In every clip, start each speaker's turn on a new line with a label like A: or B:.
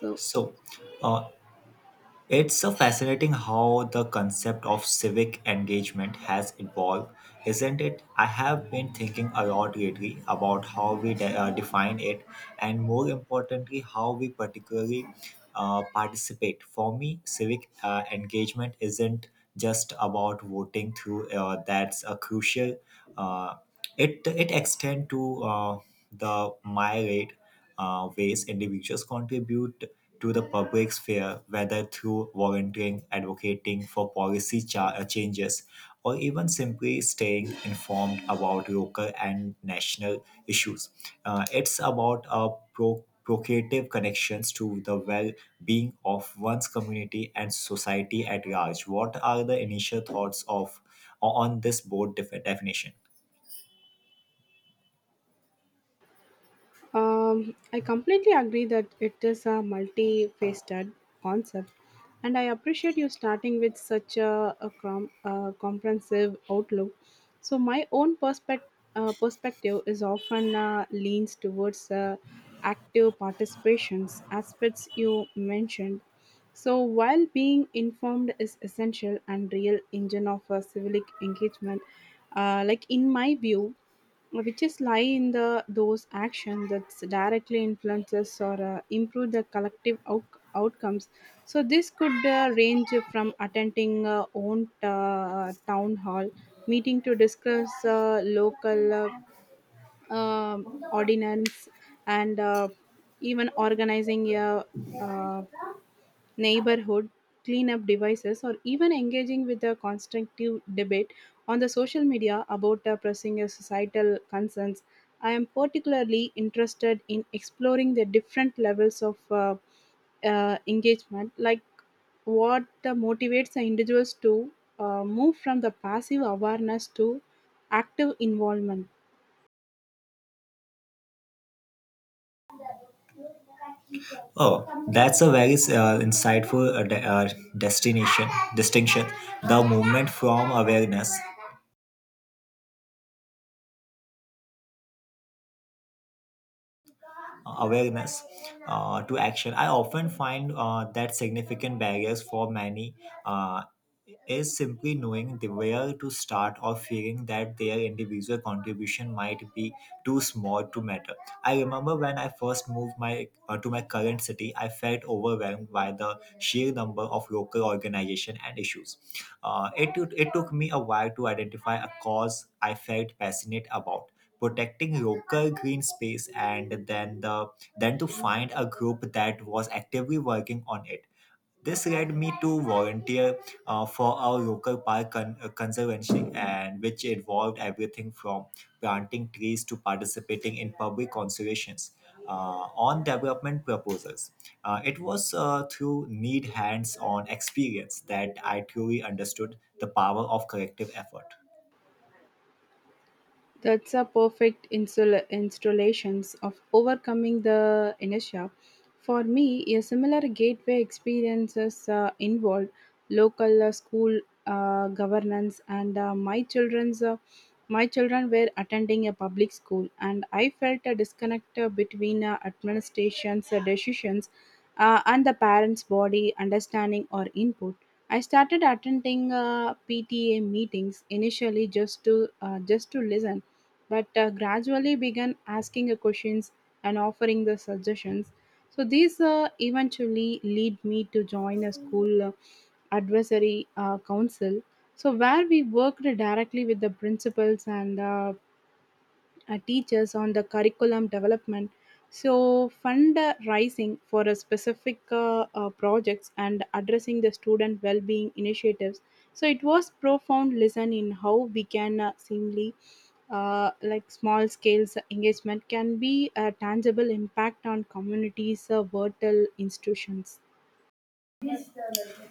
A: So,
B: So, uh, it's so fascinating how the concept of civic engagement has evolved, isn't it? I have been thinking a lot lately about how we define it, and more importantly, how we particularly participate. For me, civic engagement isn't just about voting through. That's a crucial. Uh, it extends to the myriad ways individuals contribute to the public sphere, whether through volunteering, advocating for policy changes, or even simply staying informed about local and national issues. It's about procreative connections to the well being of one's community and society at large. What are the initial thoughts of on this board definition?
A: I completely agree that it is a multifaceted concept, and I appreciate you starting with such a comprehensive outlook. So, my own perspective is often leans towards active participations aspects you mentioned. So, while being informed is essential and real engine of civic engagement, like in my view, which is lie in the those action that directly influences or improve the collective outcomes, so this could range from attending own town hall meeting to discuss local um ordinance, and even organizing a uh, neighborhood cleanup devices, or even engaging with a constructive debate on the social media about the pressing societal concerns. I am particularly interested in exploring the different levels of engagement, like what motivates the individuals to move from the passive awareness to active involvement.
B: Oh, that's a very insightful de- destination distinction. The movement from awareness to action. I often find that significant barriers for many uh, is simply knowing the where to start or fearing that their individual contribution might be too small to matter. I remember when I first moved my to my current city, I felt overwhelmed by the sheer number of local organization and issues. It took me a while to identify a cause I felt passionate about protecting local green space and then the then to find a group that was actively working on it. This led me to volunteer for our local park conservancy and which involved everything from planting trees to participating in public conservations on development proposals. It was through need hands-on experience that I truly understood the power of collective effort.
A: That's a perfect installations of overcoming the inertia. For me, a similar gateway experiences involved local school governance, and my children were attending a public school, and I felt a disconnect between administration's decisions and the parents' body understanding or input. I started attending PTA meetings initially just to listen, but gradually began asking the questions and offering the suggestions. So these eventually lead me to join a school advisory council. So where we worked directly with the principals and teachers on the curriculum development, so fund raising for a specific projects and addressing the student well-being initiatives. So it was profound lesson in how we can seemingly like small scales engagement can be a tangible impact on communities vital institutions.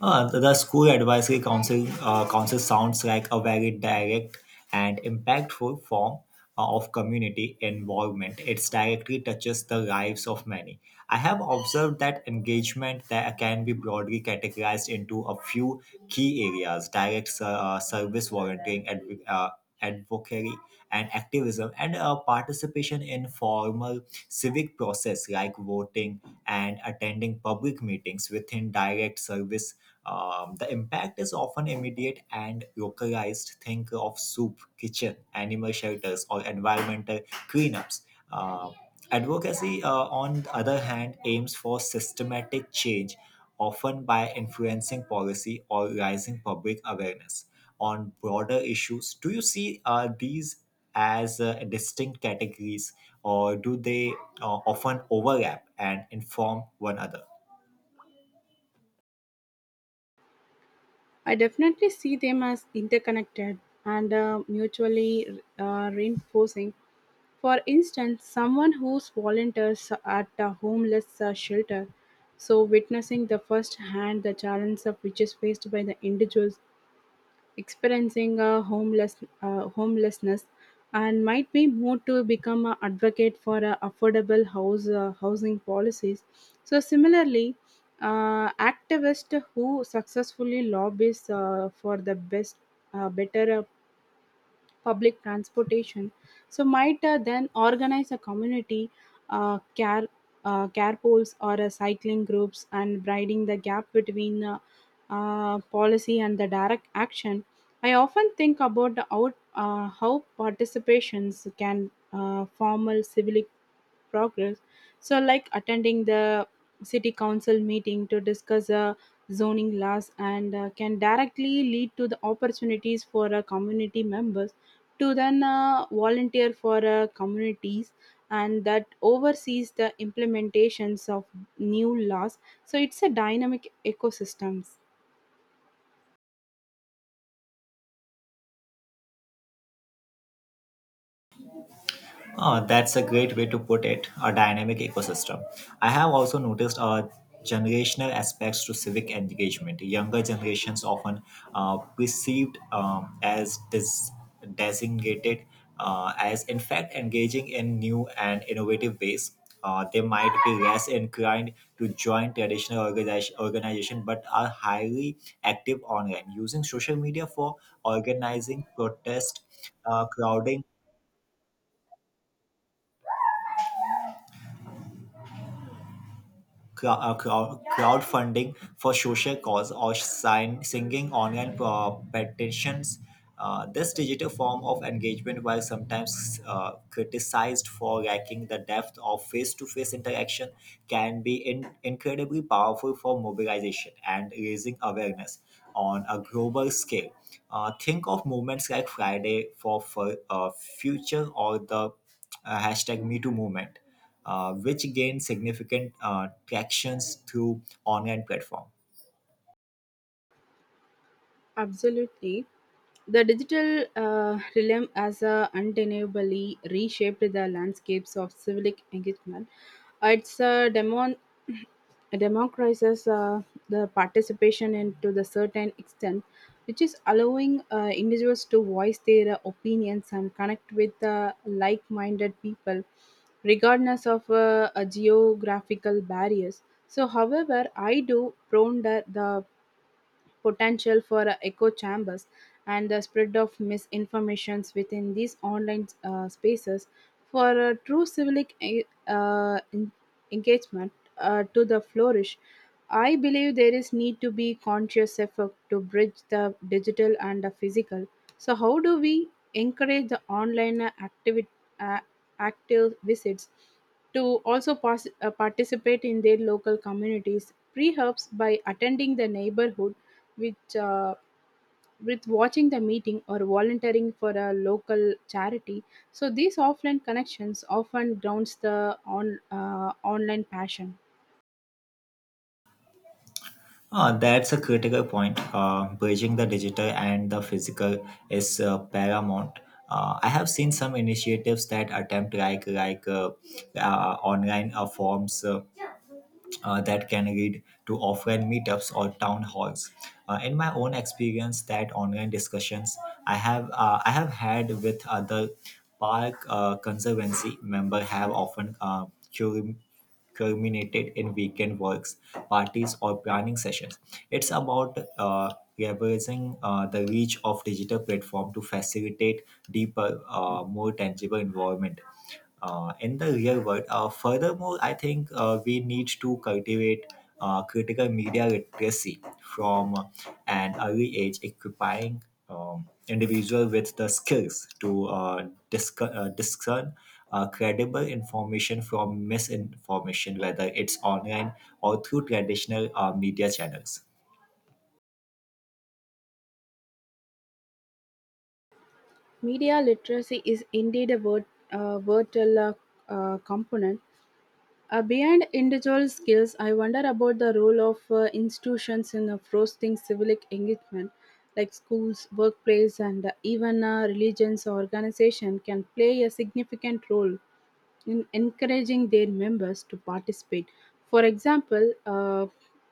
B: The school advisory council sounds like a very direct and impactful form of community involvement. It directly touches the lives of many. I have observed that engagement that can be broadly categorized into a few key areas: direct service volunteering, advocacy, and activism, and participation in formal civic process like voting and attending public meetings within direct service. The impact is often immediate and localized. Think of soup, kitchen, animal shelters, or environmental cleanups. Uh, Advocacy, on the other hand, aims for systematic change, often by influencing policy or raising public awareness on broader issues. Do you see these as distinct categories, or do they often overlap and inform one another?
A: I definitely see them as interconnected and mutually reinforcing. For instance, someone who volunteers at a homeless shelter, so witnessing the first hand the challenge of which is faced by the individuals experiencing a homelessness, and might be moved to become an advocate for affordable house housing policies. So similarly, activists who successfully lobbies for the best better public transportation. So might then organize a community uh, care care pools or cycling groups, and bridging the gap between policy and the direct action. I often think about how participations can formal civil progress, so like attending the city council meeting to discuss zoning laws, and can directly lead to the opportunities for community members to then volunteer for communities, and that oversees the implementations of new laws. So it's a dynamic ecosystem.
B: That's a great way to put it, a dynamic ecosystem. I have also noticed generational aspects to civic engagement. Younger generations often perceived as dis- designated as, in fact, engaging in new and innovative ways. They might be less inclined to join traditional organization but are highly active online using social media for organizing protest, uh, crowding crowdfunding for social cause or singing online petitions. This digital form of engagement, while sometimes criticized for lacking the depth of face to face interaction, can be incredibly powerful for mobilization and raising awareness on a global scale. Think of movements like Friday for Future or the hashtag Me Too movement which gained significant tractions through online platform.
A: Absolutely. The digital realm has undeniably reshaped the landscapes of civic engagement. It's democratizes the participation and to the certain extent, which is allowing individuals to voice their opinions and connect with like-minded people, regardless of geographical barriers. So, however, I do ponder the potential for echo chambers and the spread of misinformations within these online spaces for a true engagement to the flourish. I believe there is need to be conscious effort to bridge the digital and the physical. So how do we encourage the uh, active visits to also participate in their local communities? Perhaps by attending the neighborhood, which with watching the meeting or volunteering for a local charity. So these offline connections often grounds the on online passion.
B: That's a critical point. Bridging the digital and the physical is paramount. I have seen some initiatives that attempt like online forms. That can lead to offline meetups or town halls. In my own experience, that online discussions I have had with other park conservancy member have often curum- culminated in weekend works, parties, or planning sessions. It's about leveraging the reach of digital platform to facilitate deeper, more tangible involvement in the real world. Furthermore, I think we need to cultivate critical media literacy from an early age, equipping individual with the skills to discern credible information from misinformation, whether it's online or through traditional media channels.
A: Media literacy is indeed a vital component. Beyond individual skills, I wonder about the role of institutions in fostering civic engagement, like schools, workplace, and even religions or organization can play a significant role in encouraging their members to participate. For example,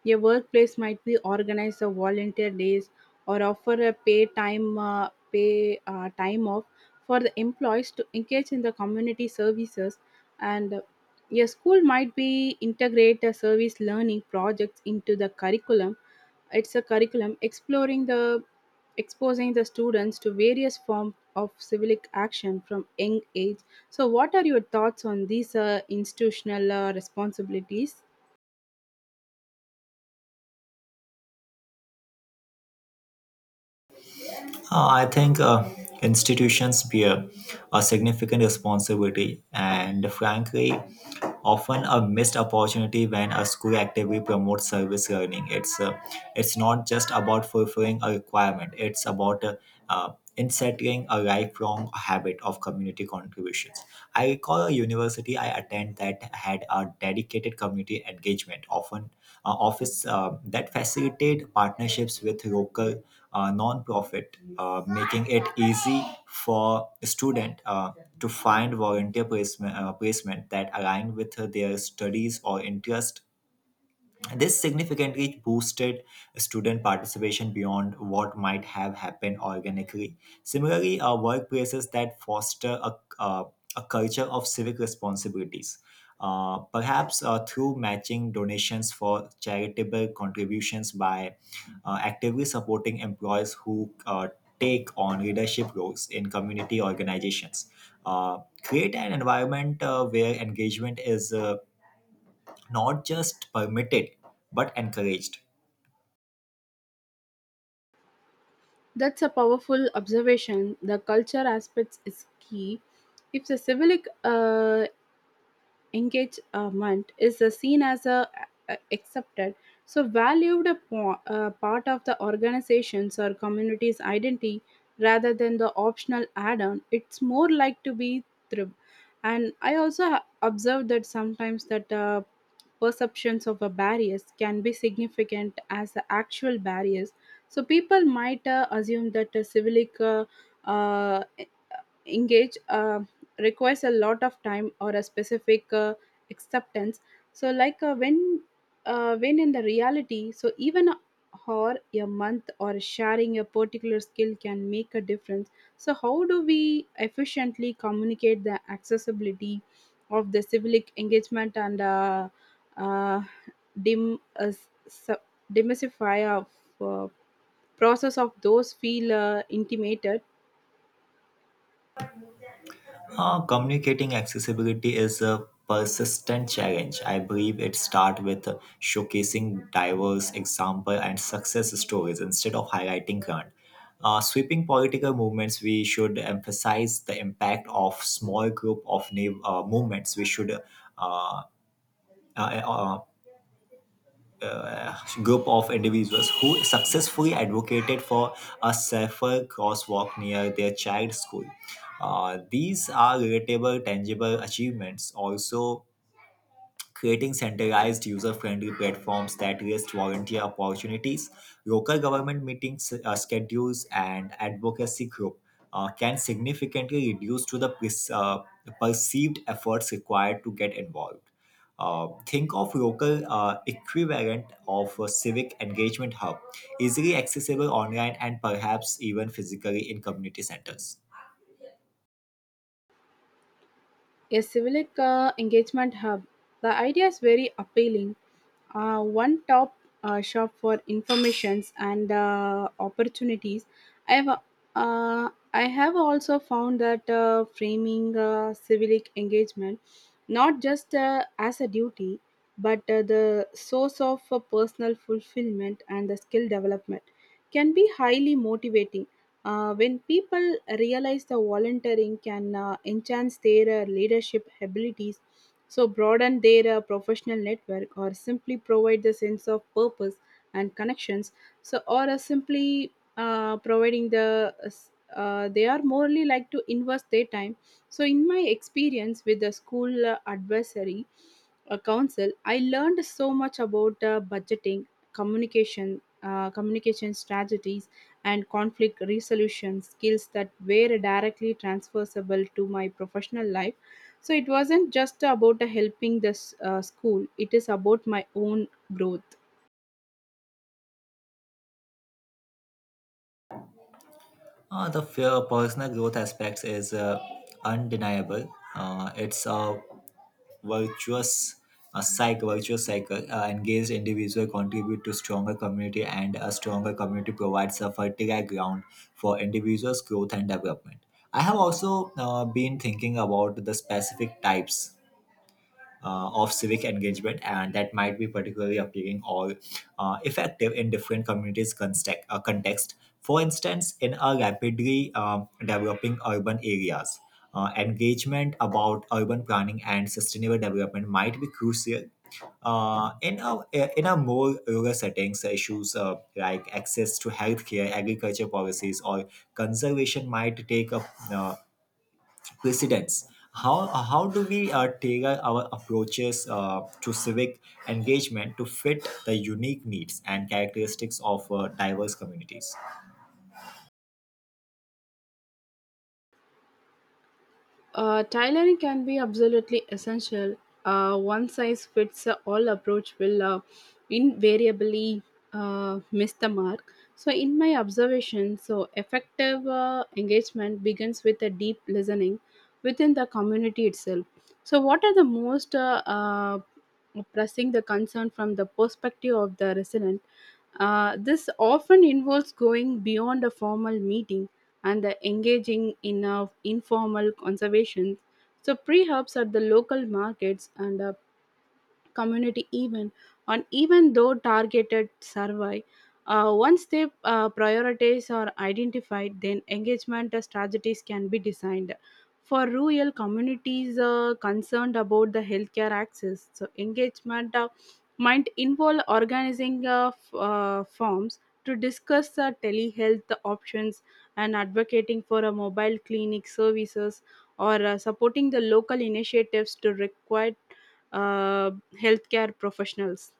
A: a workplace might be organize a volunteer days or offer a pay time off for the employees to engage in the community services, and a school might be integrate a service learning projects into the curriculum. It's a curriculum exploring the exposing the students to various forms of civic action from young age. So, what are your thoughts on these institutional responsibilities?
B: I think institutions bear a significant responsibility, and frankly, often a missed opportunity when a school actively promotes service learning. It's not just about fulfilling a requirement; it's about uh, insettling a lifelong habit of community contributions. I recall a university I attend that had a dedicated community engagement, often office that facilitated partnerships with local non-profit, making it easy for a student to find volunteer placement that align with their studies or interest. This significantly boosted student participation beyond what might have happened organically. Similarly, workplaces that foster uh, a culture of civic responsibilities, perhaps through matching donations for charitable contributions by actively supporting employees who take on leadership roles in community organizations. Create an environment where engagement is not just permitted but encouraged.
A: That's a powerful observation. The culture aspects is key. If the civic engagement is seen as accepted, so valued a part of the organization's or community's identity rather than the optional add-on, it's more like to be thrive. And I also observed that sometimes that perceptions of a barriers can be significant as the actual barriers, so people might assume that a civic uh, engage requires a lot of time or a specific acceptance, so like when in the reality, so even a or a month or sharing a particular skill can make a difference. So how do we efficiently communicate the accessibility of the civic engagement and uh, dim uh, s- demystify of uh, process of those feel intimated.
B: Communicating accessibility is a persistent challenge. I believe it starts with showcasing diverse example and success stories instead of highlighting grand. Sweeping political movements, we should emphasize the impact of small group of movements. We should uh, uh, uh, uh, group of individuals who successfully advocated for a safer crosswalk near their child's school. These are relatable, tangible achievements. Also, creating centralized user-friendly platforms that list volunteer opportunities, local government meetings schedules, and advocacy group can significantly reduce to the perceived efforts required to get involved. Think of local equivalent of a civic engagement hub, easily accessible online and perhaps even physically in community centers.
A: A civic engagement hub. The idea is very appealing. One top shop for informations and opportunities. I have, uh, I have also found that framing civic engagement not just as a duty but the source of personal fulfillment and the skill development can be highly motivating when people realize the volunteering can enhance their leadership abilities, so broaden their professional network, or simply provide the sense of purpose and connections, so or simply providing the they are morely like to invest their time. So, in my experience with the school advisory council, I learned so much about budgeting, communication strategies and conflict resolution skills that were directly transferable to my professional life. So it wasn't just about helping the school, it is about my own growth.
B: The fear of personal growth aspects is undeniable. It's a virtuous virtuous cycle. Engaged individual contribute to stronger community, and a stronger community provides a fertile ground for individuals' growth and development. I have also been thinking about the specific types of civic engagement, and that might be particularly appealing or effective in different communities' context. For instance, in a rapidly developing urban areas, engagement about urban planning and sustainable development might be crucial uh, in a in a more rural settings, issues like access to healthcare, agriculture policies, or conservation might take up uh, precedents. How do we tailor our approaches to civic engagement to fit the unique needs and characteristics of diverse communities?
A: Tailoring can be absolutely essential. One size fits all approach will invariably miss the mark. So, in my observation, so effective engagement begins with a deep listening within the community itself. So, what are the most pressing the concern from the perspective of the resident? This often involves going beyond a formal meeting and the engaging in informal conservation. So pre-hubs at the local markets and community even on even though targeted survey. Uh, once they priorities are identified, then engagement strategies can be designed for rural communities concerned about the healthcare access, so engagement might involve organizing forms to discuss telehealth options and advocating for a mobile clinic services or supporting the local initiatives to require uh, healthcare professionals.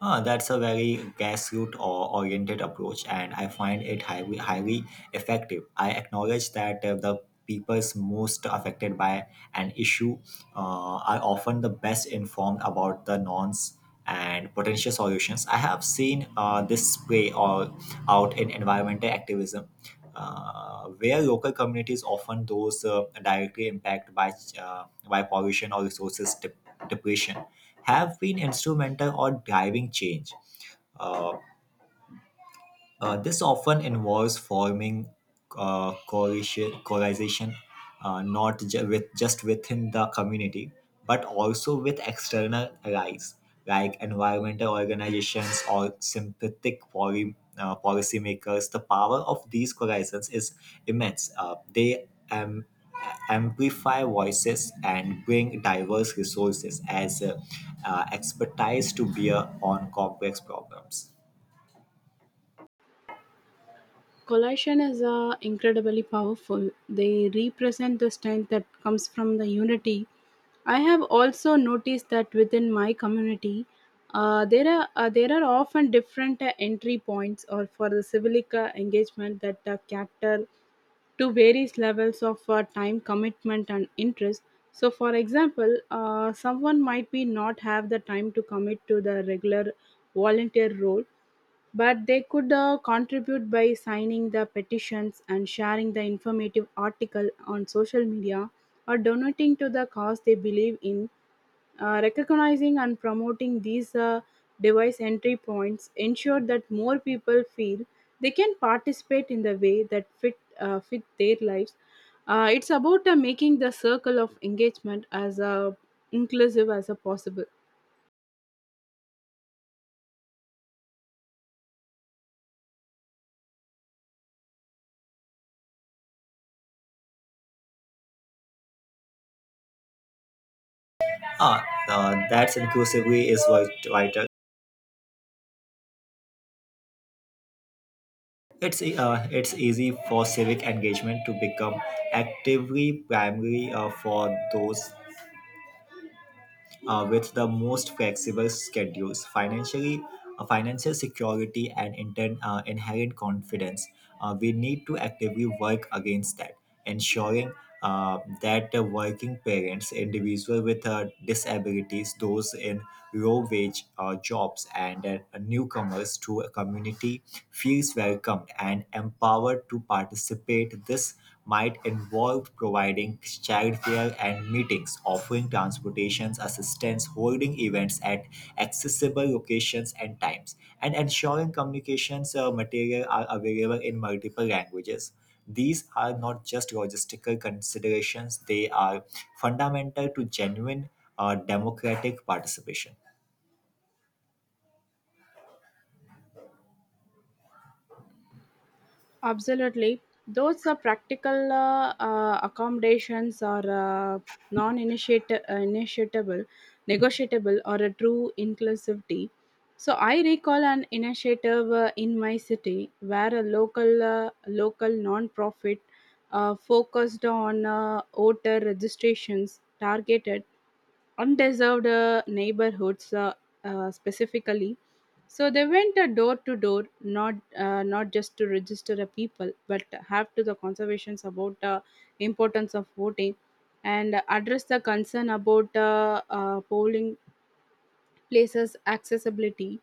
B: Ah, that's a very grassroots or oriented approach, and I find it highly effective. I acknowledge that the peoples most affected by an issue are often the best informed about the norms and potential solutions. I have seen this play all out in environmental activism, where local communities often those directly impacted by pollution or resources depletion have been instrumental or driving change. Uh, this often involves forming coalition not ju- with, just within the community, but also with external allies like environmental organizations or sympathetic policymakers. The power of these coalitions is immense. They amplify voices and bring diverse resources as expertise to bear on complex problems.
A: Collation is incredibly powerful. They represent the strength that comes from the unity. I have also noticed that within my community, there are often different entry points or for the civic engagement that cater to various levels of time commitment and interest, so for example someone might be not have the time to commit to the regular volunteer role. But they could contribute by signing the petitions and sharing the informative article on social media or donating to the cause they believe in. Recognizing and promoting these device entry points ensure that more people feel they can participate in the way that fit their lives. It's about making the circle of engagement as inclusive as possible.
B: Ah, that's inclusively is vital. It's easy for civic engagement to become actively primary for those with the most flexible schedules, financially, financial security, and inherent confidence. We need to actively work against that, ensuring that the working parents, individuals with disabilities, those in low wage jobs and newcomers to a community feels welcomed and empowered to participate. This might involve providing childcare and meetings, offering transportation assistance, holding events at accessible locations and times, and ensuring communications material are available in multiple languages. These are not just logistical considerations, they are fundamental to genuine democratic participation.
A: Absolutely. Those practical accommodations are non initiable, negotiable, or a true inclusivity. So I recall an initiative in my city where a local non-profit focused on voter registrations targeted undeserved neighborhoods specifically, so they went door to door, not just to register the people, but have to the conservations about importance of voting, and address the concern about polling places accessibility,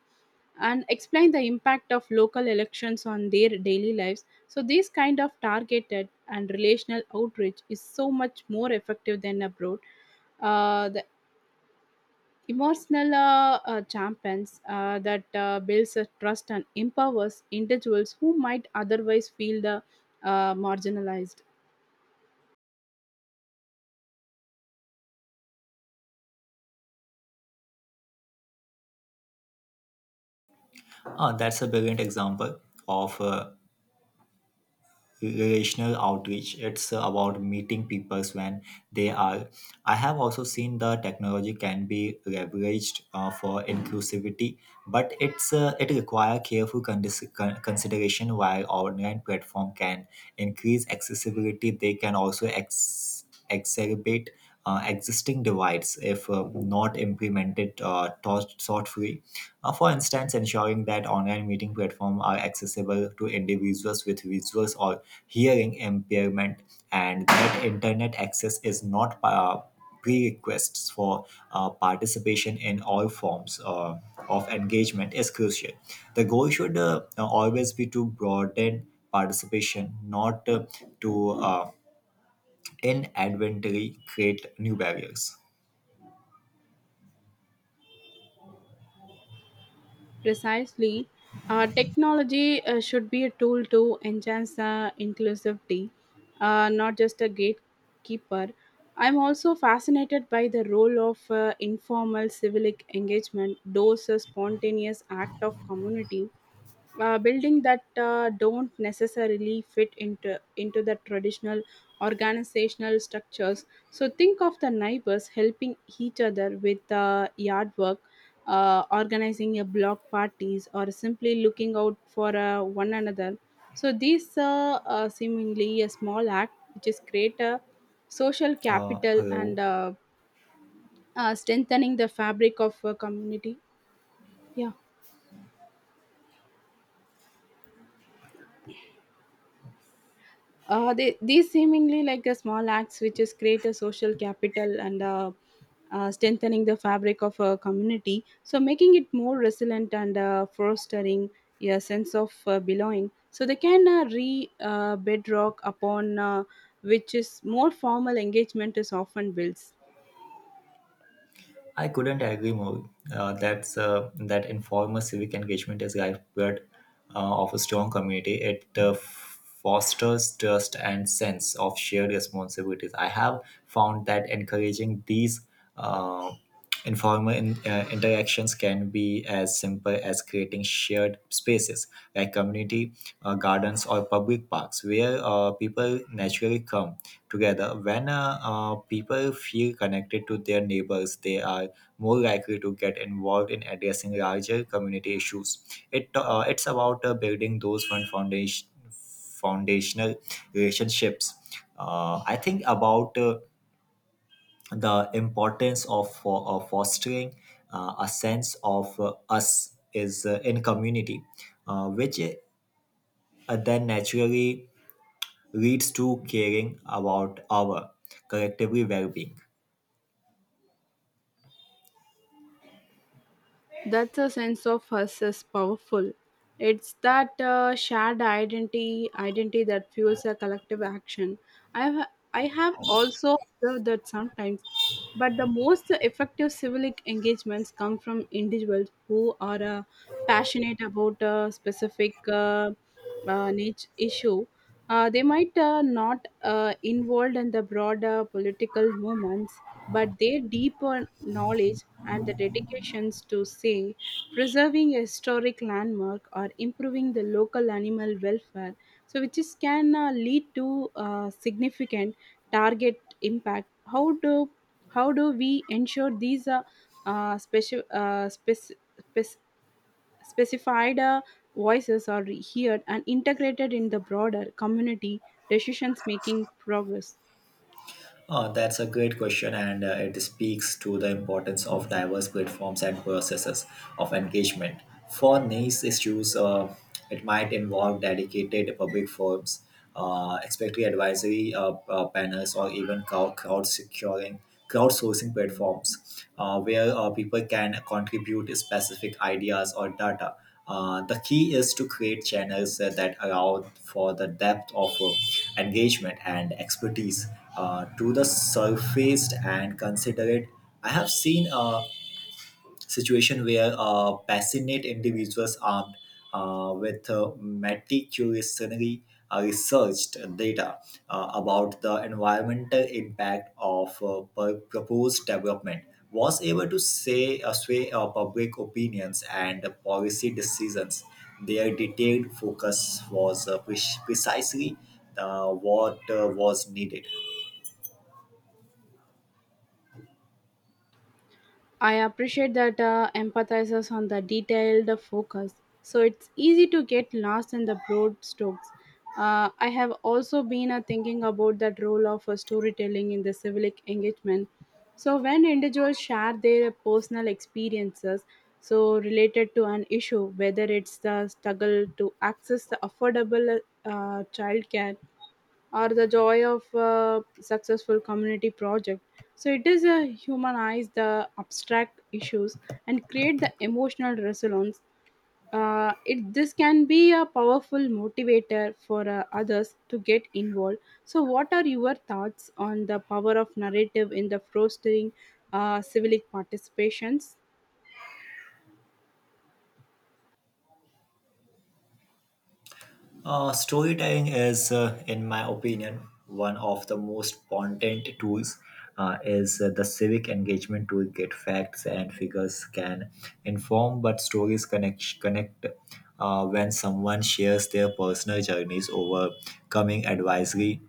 A: and explain the impact of local elections on their daily lives. So this kind of targeted and relational outreach is so much more effective than abroad. Uh, Emotional champions that builds a trust and empowers individuals who might otherwise feel the marginalized.
B: That's a brilliant example of relational outreach. It's about meeting people when they are. I have also seen the technology can be leveraged for inclusivity, but it requires careful consideration. While online platform can increase accessibility, they can also. Exacerbate existing divides if not implemented thoughtfully. For instance, ensuring that online meeting platforms are accessible to individuals with visual or hearing impairment and that internet access is not prerequisites for participation in all forms of engagement is crucial. The goal should always be to broaden participation, not to inadvertently create new barriers.
A: Precisely, technology should be a tool to enhance inclusivity, not just a gatekeeper. I'm also fascinated by the role of informal civic engagement, those spontaneous act of community building that don't necessarily fit into the traditional organizational structures. So think of the neighbors helping each other with yard work, organizing a block parties, or simply looking out for one another. So these seemingly a small act which is create a social capital and
B: Hello.
A: strengthening the fabric of a community, yeah. These seemingly like a small acts which is create a social capital and strengthening the fabric of a community, so making it more resilient and fostering a sense of belonging, so they can re bedrock upon which is more formal engagement is often built.
B: I couldn't agree more. That informal civic engagement is lifeblood of a strong community. It fosters trust and sense of shared responsibilities. I have found that encouraging these uh, informal interactions can be as simple as creating shared spaces like community gardens or public parks where people naturally come together. When people feel connected to their neighbors, they are more likely to get involved in addressing larger community issues. It it's about building those one foundation foundational relationships. I think about the importance of fostering a sense of us is in community, which then naturally leads to caring about our collectively well-being.
A: That's a sense of us is powerful. It's that shared identity that fuels a collective action. I have also observed that sometimes, but the most effective civic engagements come from individuals who are passionate about a specific niche issue. They might not involved in the broader political movements, but their deeper knowledge and the dedications to, say, preserving a historic landmark or improving the local animal welfare, so which is can lead to significant target impact. How do we ensure these uh, speci- uh, spec- spec- specified voices are heard and integrated in the broader community decisions making progress?
B: Oh, that's a great question, and it speaks to the importance of diverse platforms and processes of engagement. For niche issues, it might involve dedicated public forums, especially advisory panels, or even crowdsourcing platforms where people can contribute specific ideas or data. The key is to create channels that allow for the depth of engagement and expertise to the surfaced and considerate. I have seen situation where passionate individuals armed with meticulously researched data about the environmental impact of proposed development was able to say sway public opinions and policy decisions. Their detailed focus was precisely what was needed.
A: I appreciate that empathizes on the detailed focus, so it's easy to get lost in the broad strokes. I have also been thinking about that role of storytelling in the civic engagement. So when individuals share their personal experiences, so related to an issue, whether it's the struggle to access the affordable childcare or the joy of a successful community project. So it is a humanize the abstract issues and create the emotional resonance. It this can be a powerful motivator for others to get involved. So, what are your thoughts on the power of narrative in the fostering civic participations?
B: Storytelling is, in my opinion, one of the most potent tools. Is the civic engagement tool get facts and figures can inform, but stories connect when someone shares their personal journeys overcoming advisory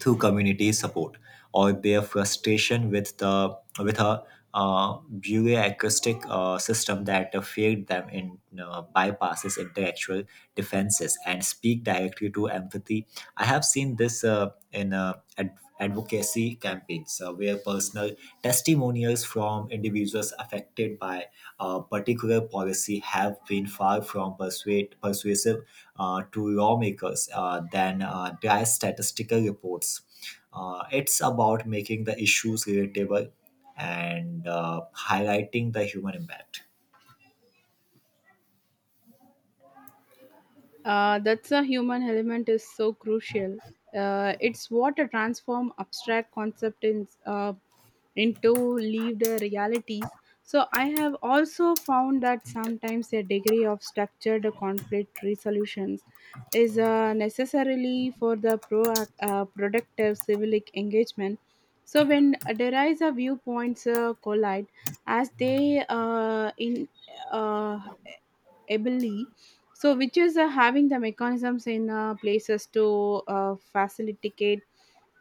B: through community support or their frustration with the with a bureaucratic system that failed them in bypasses intellectual defenses and speak directly to empathy. I have seen this in advocacy campaigns where personal testimonials from individuals affected by a particular policy have been far from persuasive to lawmakers than dry statistical reports. It's about making the issues relatable and highlighting the human impact.
A: That's a human element is so crucial. It's what a transform abstract concept into lived realities. So I have also found that sometimes a degree of structured conflict resolutions is necessarily for the productive civic engagement. So when there is a viewpoints collide, as they in uh, ably, so which is having the mechanisms in places to facilitate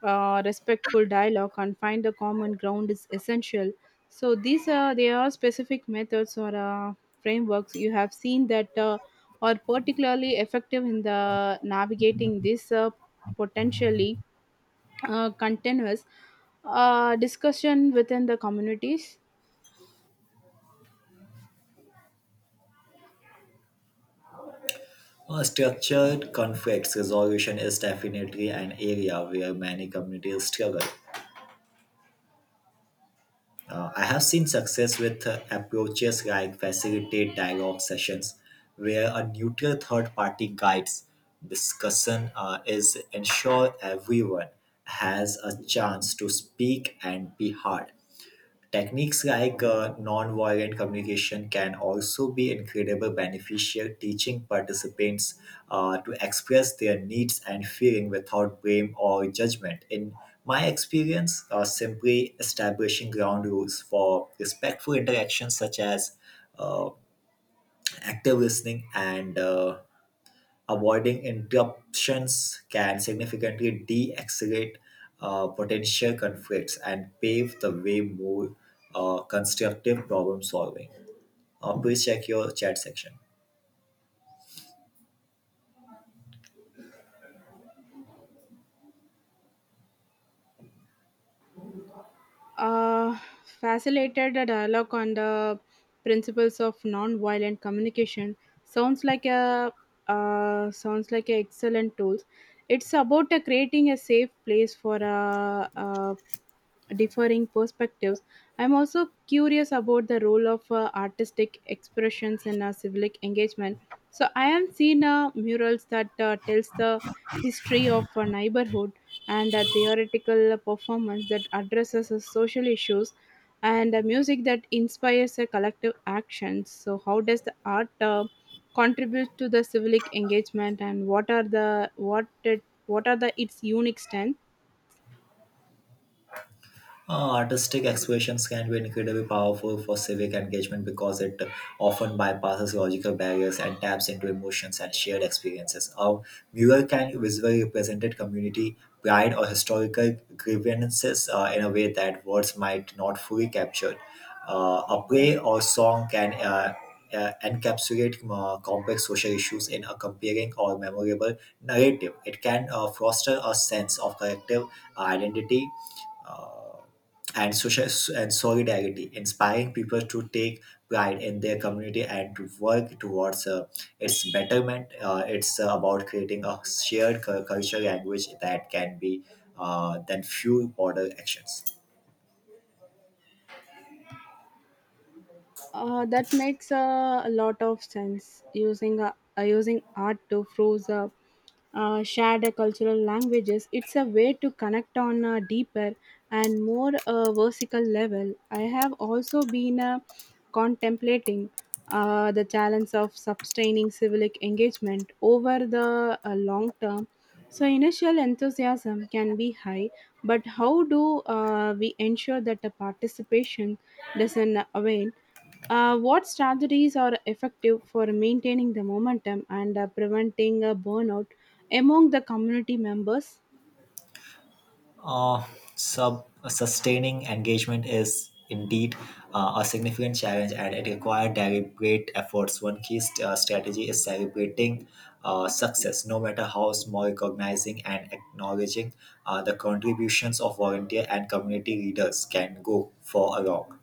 A: respectful dialogue and find a common ground is essential. So these are there are specific methods or frameworks you have seen that are particularly effective in the navigating this potentially continuous discussion within the communities.
B: Structured conflicts resolution is definitely an area where many communities struggle. I have seen success with approaches like facilitate dialogue sessions, where a neutral third party guides discussion is ensure everyone has a chance to speak and be heard. Techniques like nonviolent communication can also be incredibly beneficial, teaching participants to express their needs and feeling without blame or judgment. In my experience, simply establishing ground rules for respectful interactions, such as uh, active listening and avoiding interruptions can significantly de-escalate potential conflicts and pave the way more constructive problem solving. Please check your chat section.
A: uh, Facilitated a dialogue on the principles of non-violent communication sounds like a sounds like an excellent tool. It's about creating a safe place for differing perspectives. I'm also curious about the role of artistic expressions in civic engagement. So I have seen murals that tells the history of a neighborhood and a theoretical performance that addresses social issues and a music that inspires a collective action. So, how does the art contribute to the civic engagement, and what are the what it what are the its unique strengths?
B: Artistic expressions can be incredibly powerful for civic engagement because it often bypasses logical barriers and taps into emotions and shared experiences. A viewer can visually represent a community pride or historical grievances in a way that words might not fully capture. A play or song can encapsulate complex social issues in a compelling or memorable narrative. It can foster a sense of collective identity. Uh, and social and solidarity, inspiring people to take pride in their community and to work towards its betterment. It's about creating a shared culture language that can be then fuel broader actions.
A: That makes a lot of sense. Using art to fuse shared cultural languages, it's a way to connect on a deeper and more vertical level. I have also been contemplating the challenge of sustaining civic engagement over the long term. So initial enthusiasm can be high, but how do we ensure that the participation doesn't wane? What strategies are effective for maintaining the momentum and preventing a burnout among the community members?
B: Uh, sub Sustaining engagement is indeed a significant challenge and it requires deliberate efforts. One key strategy is celebrating success, no matter how small. Recognizing and acknowledging the contributions of volunteer and community leaders can go for a long.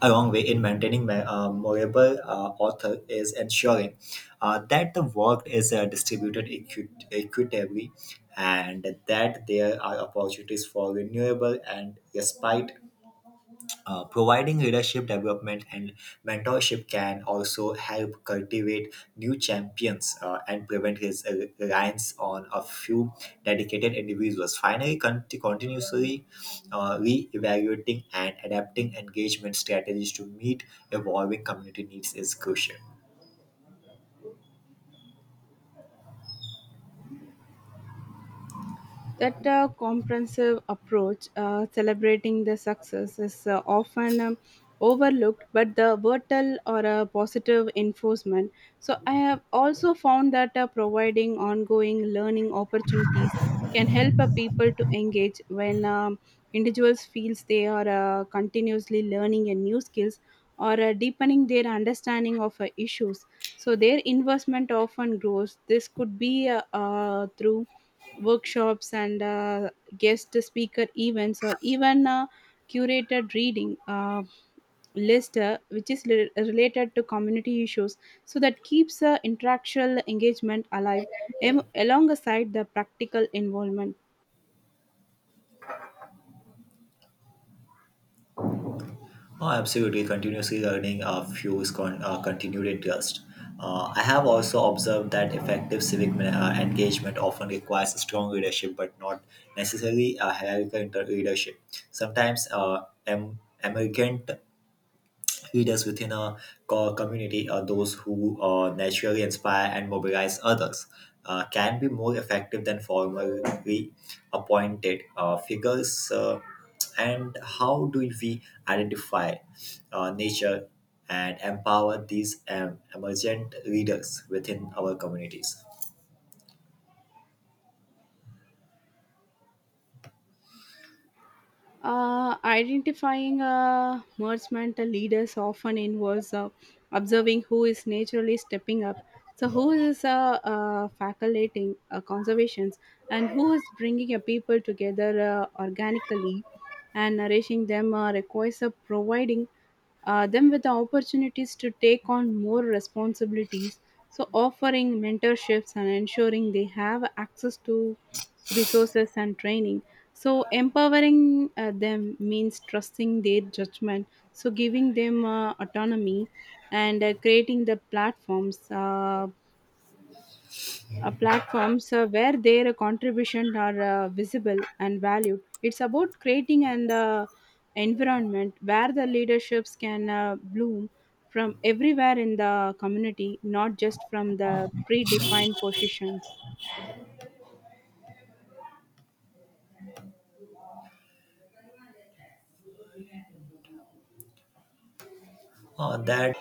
B: a long way in maintaining movable author is ensuring that the work is distributed equitably and that there are opportunities for renewable and respite. Providing leadership development and mentorship can also help cultivate new champions and prevent his reliance on a few dedicated individuals. Finally, continuously re-evaluating and adapting engagement strategies to meet evolving community needs is crucial.
A: That comprehensive approach, celebrating the success, is often overlooked, but the virtual or a positive enforcement. So, I have also found that providing ongoing learning opportunities can help people to engage when individuals feels they are continuously learning a new skills or deepening their understanding of issues. So, their investment often grows. This could be through workshops and guest speaker events or even a curated reading list related to community issues, so that keeps interactual engagement alive alongside the practical involvement.
B: Oh, absolutely. Continuously learning fuels continued interest. I have also observed that effective civic engagement often requires strong leadership, but not necessarily a hierarchical leadership. Sometimes emergent leaders within a community are those who naturally inspire and mobilize others can be more effective than formally appointed figures. And how do we identify nature and empower these emergent leaders within our communities?
A: Identifying merchantmental leaders often involves observing who is naturally stepping up, so who is facilitating conservations, and who is bringing a people together organically and nourishing them requires providing them with the opportunities to take on more responsibilities. So, offering mentorships and ensuring they have access to resources and training. So, empowering them means trusting their judgment. So, giving them autonomy and creating the platforms. Platforms where their contribution are visible and valued. It's about creating an environment where the leaderships can bloom from everywhere in the community, not just from the predefined positions.
B: That